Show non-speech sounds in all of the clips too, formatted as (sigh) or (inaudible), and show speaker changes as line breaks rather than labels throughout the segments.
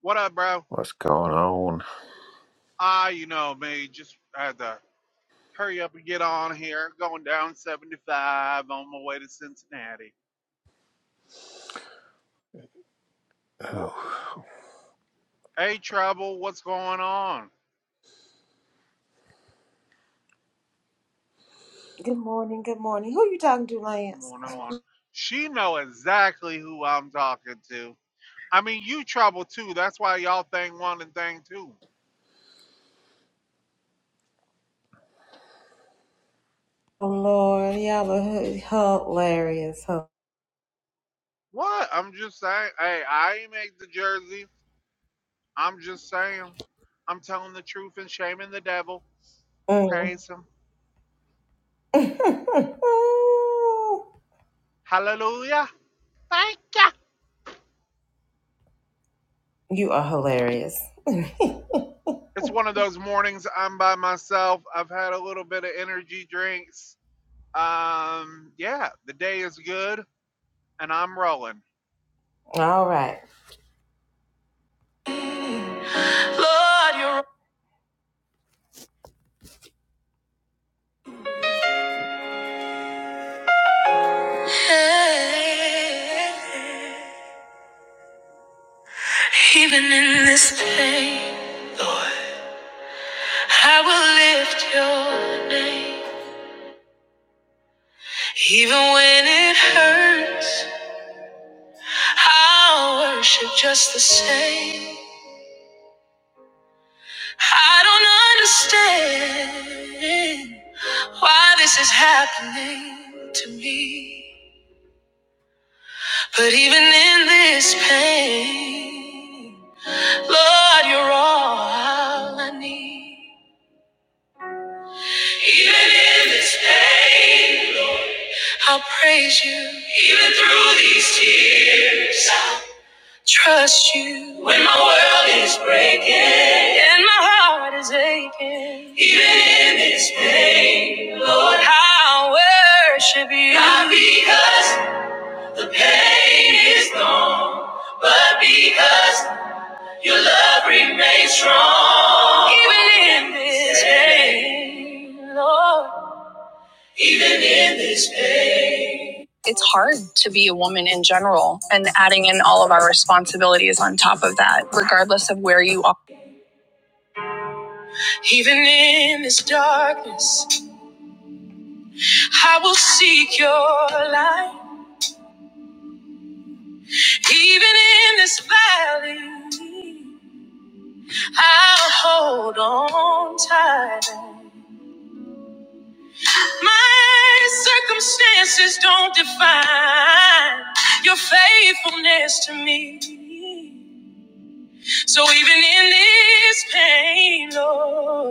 What up, bro?
What's going on?
Ah, you know me. Just had to hurry up and get on here. Going down 75 on my way to Cincinnati.
Oh,
Hey, Trouble, what's going on?
Good morning, good morning. Who you talking to, Lance?
Morning, morning. She know exactly who I'm talking to. I mean, you Trouble too. That's why y'all thing one and thing two.
Oh Lord, y'all are h- hilarious, huh?
What? I'm just saying. Hey, I ain't make the jersey. I'm just saying. I'm telling the truth and shaming the devil.
Mm.
Praise him.
(laughs)
Hallelujah. Thank ya.
you are hilarious. (laughs)
it's one of those mornings I'm by myself. I've had a little bit of energy drinks. Um, yeah, the day is good and I'm rolling.
All right. Lord, you're even in this pain, Lord, I will lift your name. Even when it hurts, I'll worship just the same. I don't understand why this is happening to me. But even in this pain, Lord, you're all I need. Even in this pain, I'll praise you. Even through these tears. I'll trust you when my world is breaking and my heart is aching. Even in this pain, Lord, I worship you. Not because the pain is gone, but because your love remains strong. Even in this pain, Lord. Even in this pain. It's hard to be a woman in general, and adding in all of our responsibilities on top of that, regardless of where you are. Even in this darkness, I will seek your light. Even in this valley, I'll hold on tight. My circumstances don't define your faithfulness to me. So even in this pain, Lord.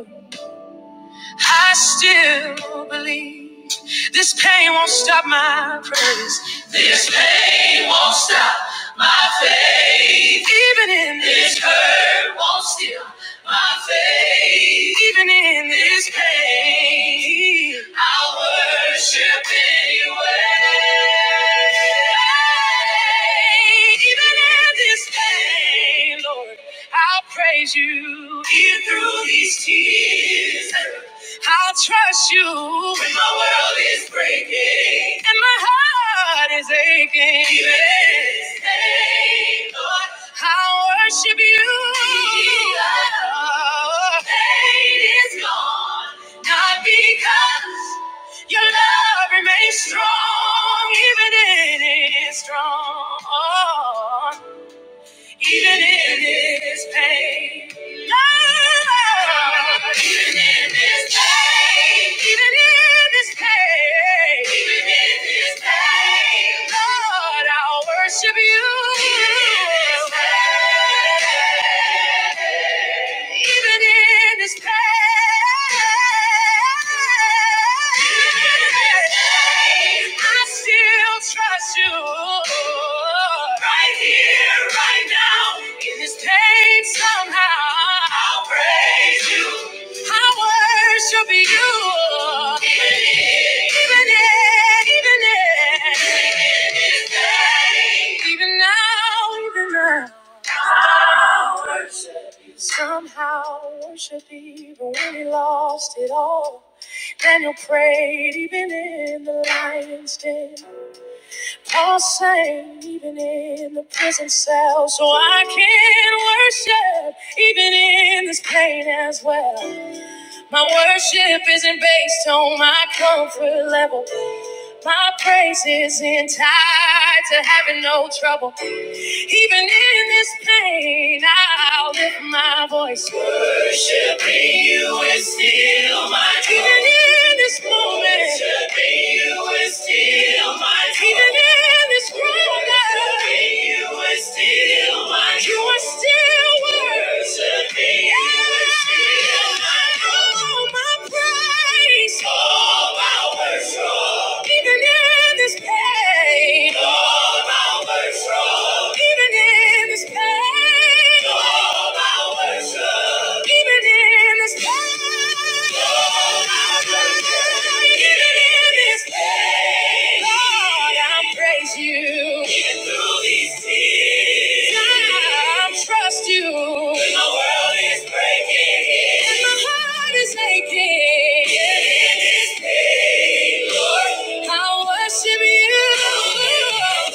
I still believe this pain won't stop my praise. This pain won't stop my faith. Even in this hurt won't steal my faith. Even in this pain, I'll worship anyway. Even in this pain, Lord, I'll praise you. Even through these tears. I'll trust you when my world is breaking and my heart is aching. Be with pain, Lord. I'll worship you. Jesus, pain is gone, not because your love remains strong, even in it is strong even in this pain. Lord, even in this pain, even in this pain, even in this pain, Lord, I'll worship you. Even in this pain. Even in his pain, I still trust you. Right here, right now, in this pain somehow. I'll praise you. I worship you. Even in, even in. Even now, even now. I'll worship You Somehow worship even when he lost it all. Daniel prayed even in the lion's den. Paul sang even in the prison cell. So I can worship even in this pain as well. My worship isn't based on my comfort level. My praise isn't to having no trouble. Even in this pain, I'll lift my voice. Worshiping you is still my joy. Even in this moment, worshiping you is still my joy. Even in this moment, worshiping you is still my joy. You are still worthy. Even in this pain. Lord, I praise you. Even through these tears, God, I trust you. When the world is breaking, and my heart is aching, in this pain, Lord, I worship you.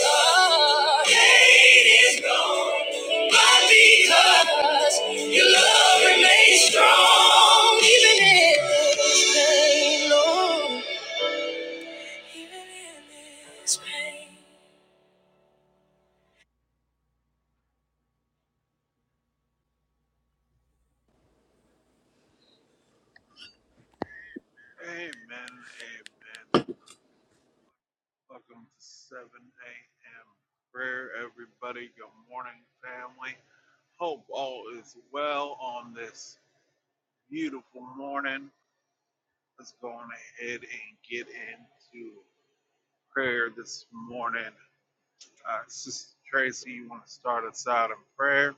Lord, Pain is gone, but because your love remains strong, even in, Lord, even in this pain.
Amen. Amen. Welcome to 7 a.m. prayer, everybody. Good morning, family. Hope all is well on this beautiful morning. Let's go on ahead and get into prayer this morning. Uh, Sister Tracy, you want to start us out in prayer?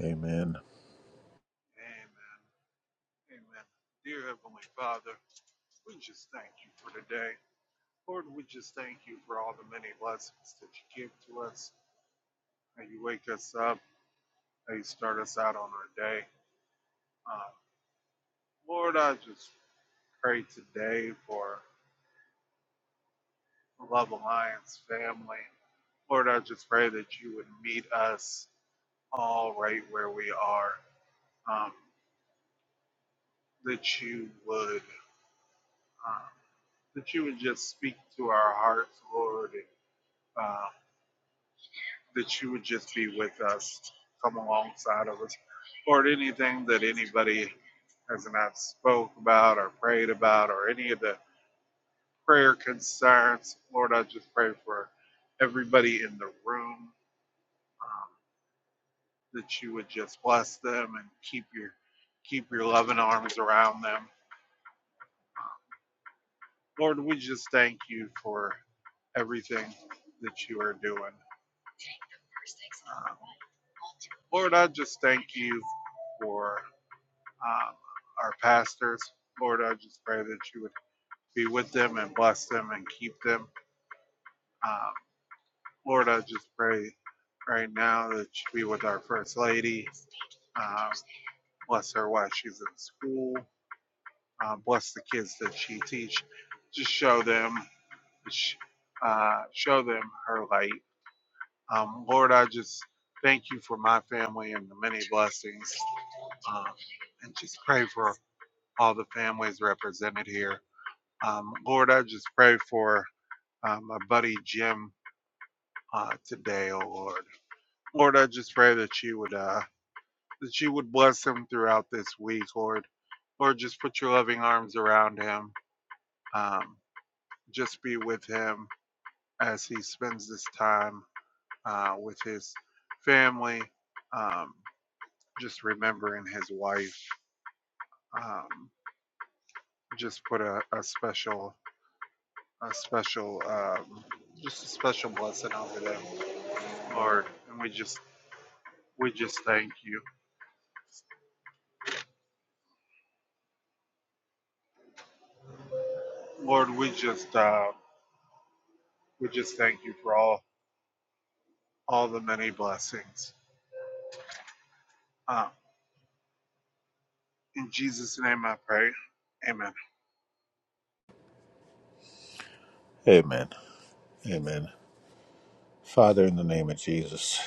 amen.
Amen. Amen. Dear Heavenly Father, we just thank you for today. Lord, we just thank you for all the many blessings that you give to us, how you wake us up, how you start us out on our day. Uh, Lord, I just pray today for the Love Alliance family. Lord, I just pray that you would meet us all right where we are, um, that you would. Um, that you would just speak to our hearts, Lord, and, uh, that you would just be with us, come alongside of us, Lord. Anything that anybody has not spoke about or prayed about or any of the prayer concerns, Lord, I just pray for everybody in the room um, that you would just bless them and keep your keep your loving arms around them. Lord, we just thank you for everything that you are doing. Um, Lord, I just thank you for um, our pastors. Lord, I just pray that you would be with them and bless them and keep them. Um, Lord, I just pray right now that you be with our First Lady. Um, bless her while she's in school. Um, bless the kids that she teach. Just show them, uh, show them her light. Um, Lord, I just thank you for my family and the many blessings. Um, and just pray for all the families represented here. Um, Lord, I just pray for uh, my buddy Jim uh, today, oh Lord. Lord, I just pray that you would uh, that you would bless him throughout this week, Lord. Lord, just put your loving arms around him. Um, just be with him as he spends this time uh, with his family. Um, just remembering his wife. Um, just put a, a special, a special, um, just a special blessing over them. Lord, and we just we just thank you, Lord. We just uh, we just thank you for all all the many blessings. Uh, in Jesus' name, I pray. Amen.
Amen. Amen. Father, in the name of Jesus,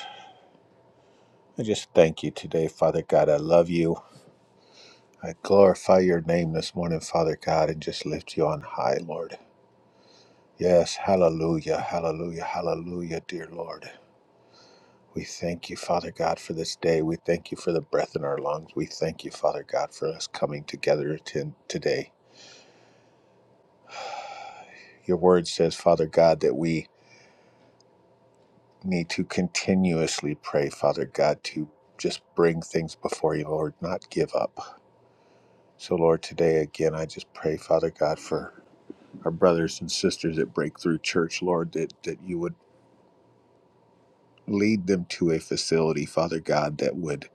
I just thank you today, Father God. I love you. I glorify your name this morning, Father God, and just lift you on high, Lord. Yes, hallelujah, hallelujah, hallelujah, dear Lord. We thank you, Father God, for this day. We thank you for the breath in our lungs. We thank you, Father God, for us coming together to today. Your word says, Father God, that we need to continuously pray, Father God, to just bring things before you, Lord, not give up. So, Lord, today again, I just pray, Father God, for our brothers and sisters at Breakthrough Church, Lord, that, that you would lead them to a facility, Father God, that would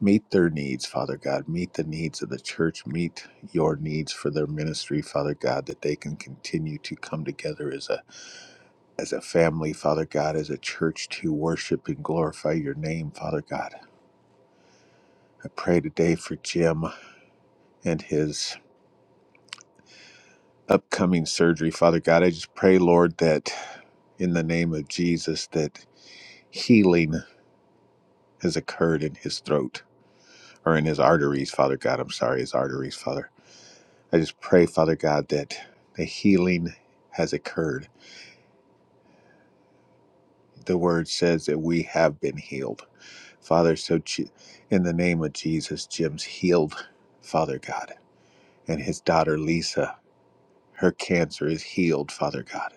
meet their needs, Father God, meet the needs of the church, meet your needs for their ministry, Father God, that they can continue to come together as a as a family, Father God, as a church to worship and glorify your name, Father God. I pray today for Jim and his upcoming surgery. Father God, I just pray, Lord, that in the name of Jesus, that healing has occurred in his throat or in his arteries, Father God. I'm sorry, his arteries, Father. I just pray, Father God, that the healing has occurred. The word says that we have been healed. Father, so in the name of Jesus, Jim's healed, Father God. And his daughter, Lisa, her cancer is healed, Father God.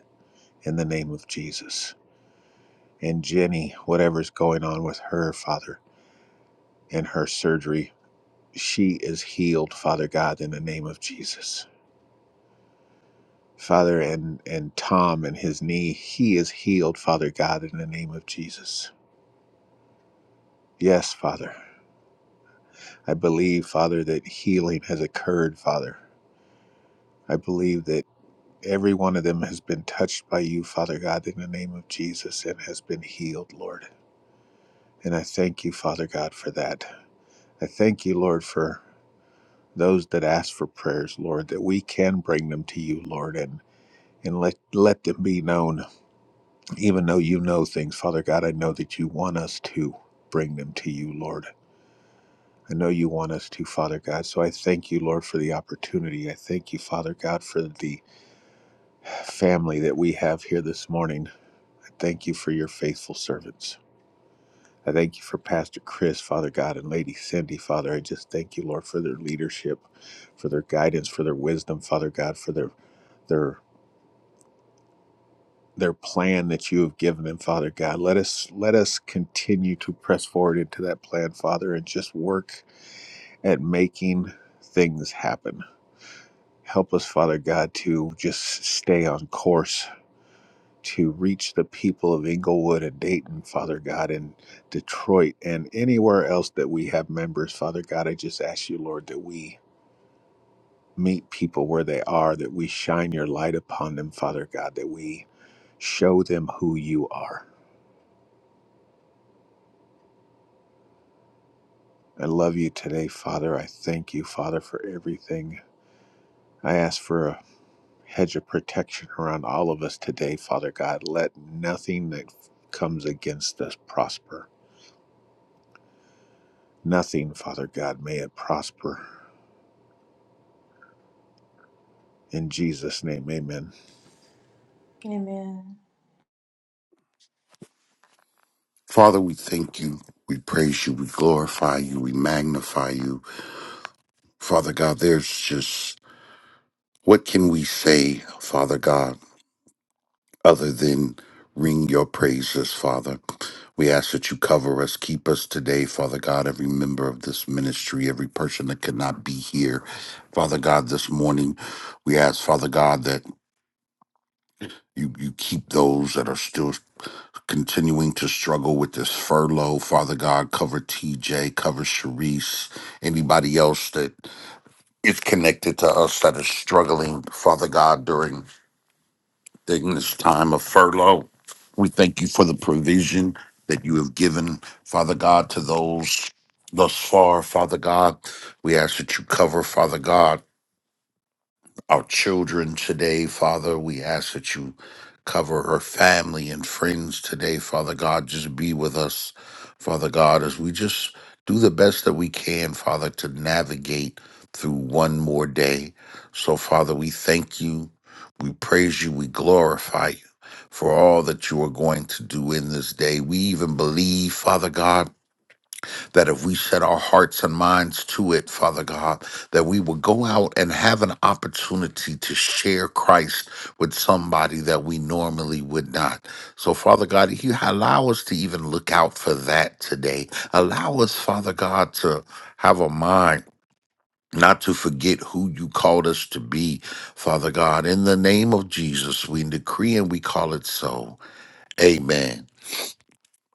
in the name of Jesus. And Jenny, whatever's going on with her, Father, and her surgery, she is healed, Father God, in the name of Jesus. Father, and, and Tom and his knee, he is healed, Father God, in the name of Jesus. Yes, Father. I believe, Father, that healing has occurred, Father. I believe that every one of them has been touched by you, Father God, in the name of Jesus, and has been healed, Lord. And I thank you, Father God, for that. I thank you, Lord, for those that ask for prayers, Lord, that we can bring them to you, Lord, and and let let them be known. Even though you know things, Father God, I know that you want us to bring them to you, Lord. I know you want us to, Father God. So I thank you, Lord, for the opportunity. I thank you, Father God, for the family that we have here this morning. I thank you for your faithful servants. I thank you for Pastor Chris, Father God, and Lady Cindy, Father. I just thank you, Lord, for their leadership, for their guidance, for their wisdom, Father God, for their their their plan that you have given them, Father God. Let us let us continue to press forward into that plan, Father, and just work at making things happen. Help us, Father God, to just stay on course to reach the people of Inglewood and Dayton, Father God, and Detroit and anywhere else that we have members, Father God. I just ask you, Lord, that we meet people where they are, that we shine your light upon them, Father God, that we show them who you are I love you today, Father. I thank you, Father, for everything. I ask for a hedge of protection around all of us today, Father God. Let nothing that comes against us prosper. Nothing, Father God, may it prosper. In Jesus' name, amen.
Father, we thank you. We praise you. We glorify you. We magnify you. Father God, there's just what can we say, Father God, other than ring your praises, Father? We ask that you cover us, keep us today, Father God, every member of this ministry, every person that could not be here. Father God, this morning, we ask, Father God, that you, you keep those that are still continuing to struggle with this furlough. Father God, cover TJ, cover Sharice, anybody else that is connected to us that is struggling, Father God, during, during this time of furlough. We thank you for the provision that you have given, Father God, to those thus far, Father God. We ask that you cover, Father God our children today, Father. We ask that you cover her family and friends today, Father God. Just be with us, Father God, as we just do the best that we can, Father, to navigate through one more day. So, Father, we thank you, we praise you, we glorify you. For all that you are going to do in this day. We even believe, Father God, that if we set our hearts and minds to it, Father God, that we will go out and have an opportunity to share Christ with somebody that we normally would not. So, Father God, you allow us to even look out for that today. Allow us, Father God, to have a mind. Not to forget who you called us to be, Father God. In the name of Jesus, we decree and we call it so. Amen.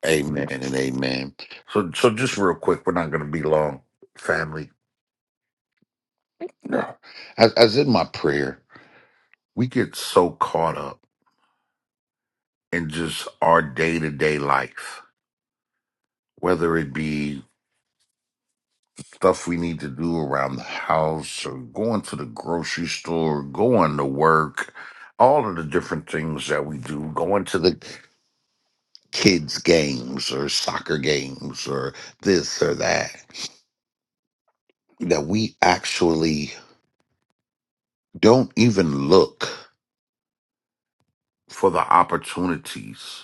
Amen and amen. So, so just real quick, we're not going to be long, family. No. As, as in my prayer, we get so caught up in just our day to day life, whether it be stuff we need to do around the house or going to the grocery store, going to work, all of the different things that we do, going to the kids' games or soccer games or this or that, that we actually don't even look for the opportunities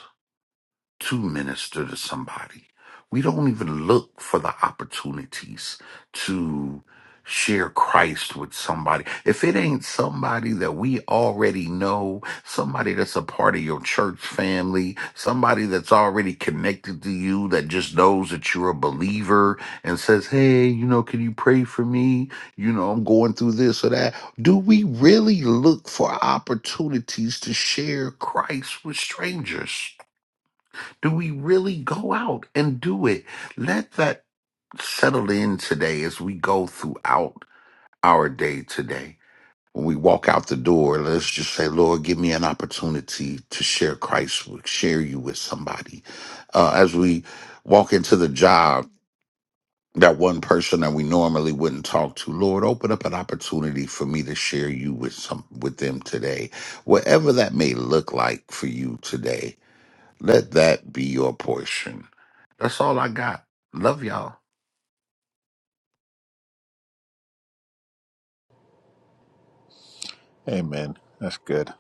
to minister to somebody. We don't even look for the opportunities to share Christ with somebody. If it ain't somebody that we already know, somebody that's a part of your church family, somebody that's already connected to you that just knows that you're a believer and says, Hey, you know, can you pray for me? You know, I'm going through this or that. Do we really look for opportunities to share Christ with strangers? Do we really go out and do it? Let that settle in today as we go throughout our day today. When we walk out the door, let's just say, Lord, give me an opportunity to share Christ, with, share you with somebody. Uh, as we walk into the job, that one person that we normally wouldn't talk to, Lord, open up an opportunity for me to share you with some with them today. Whatever that may look like for you today, let that be your portion that's all I got. Love y'all.
Amen. That's good.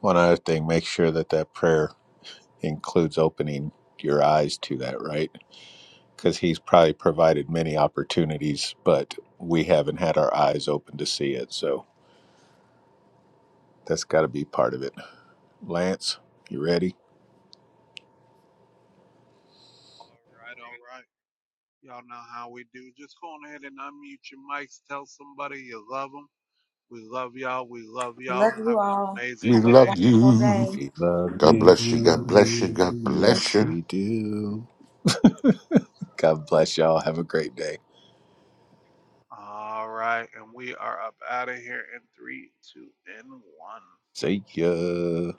One other thing, make sure that that prayer includes opening your eyes to that, right? Because He's probably provided many opportunities, but we haven't had our eyes open to see it. So that's got to be part of it. Lance, you ready?
All right, all right. Y'all know how we do. Just go on ahead and unmute your mics. Tell somebody you love them. We love y'all. We love y'all. Have an
We
amazing day.
love you.
We love
God bless you. God bless you.
you.
God
Yes,
bless you.
we do. God bless y'all. Have a great day.
All right, and we are up out of here in three, two, and one.
See ya.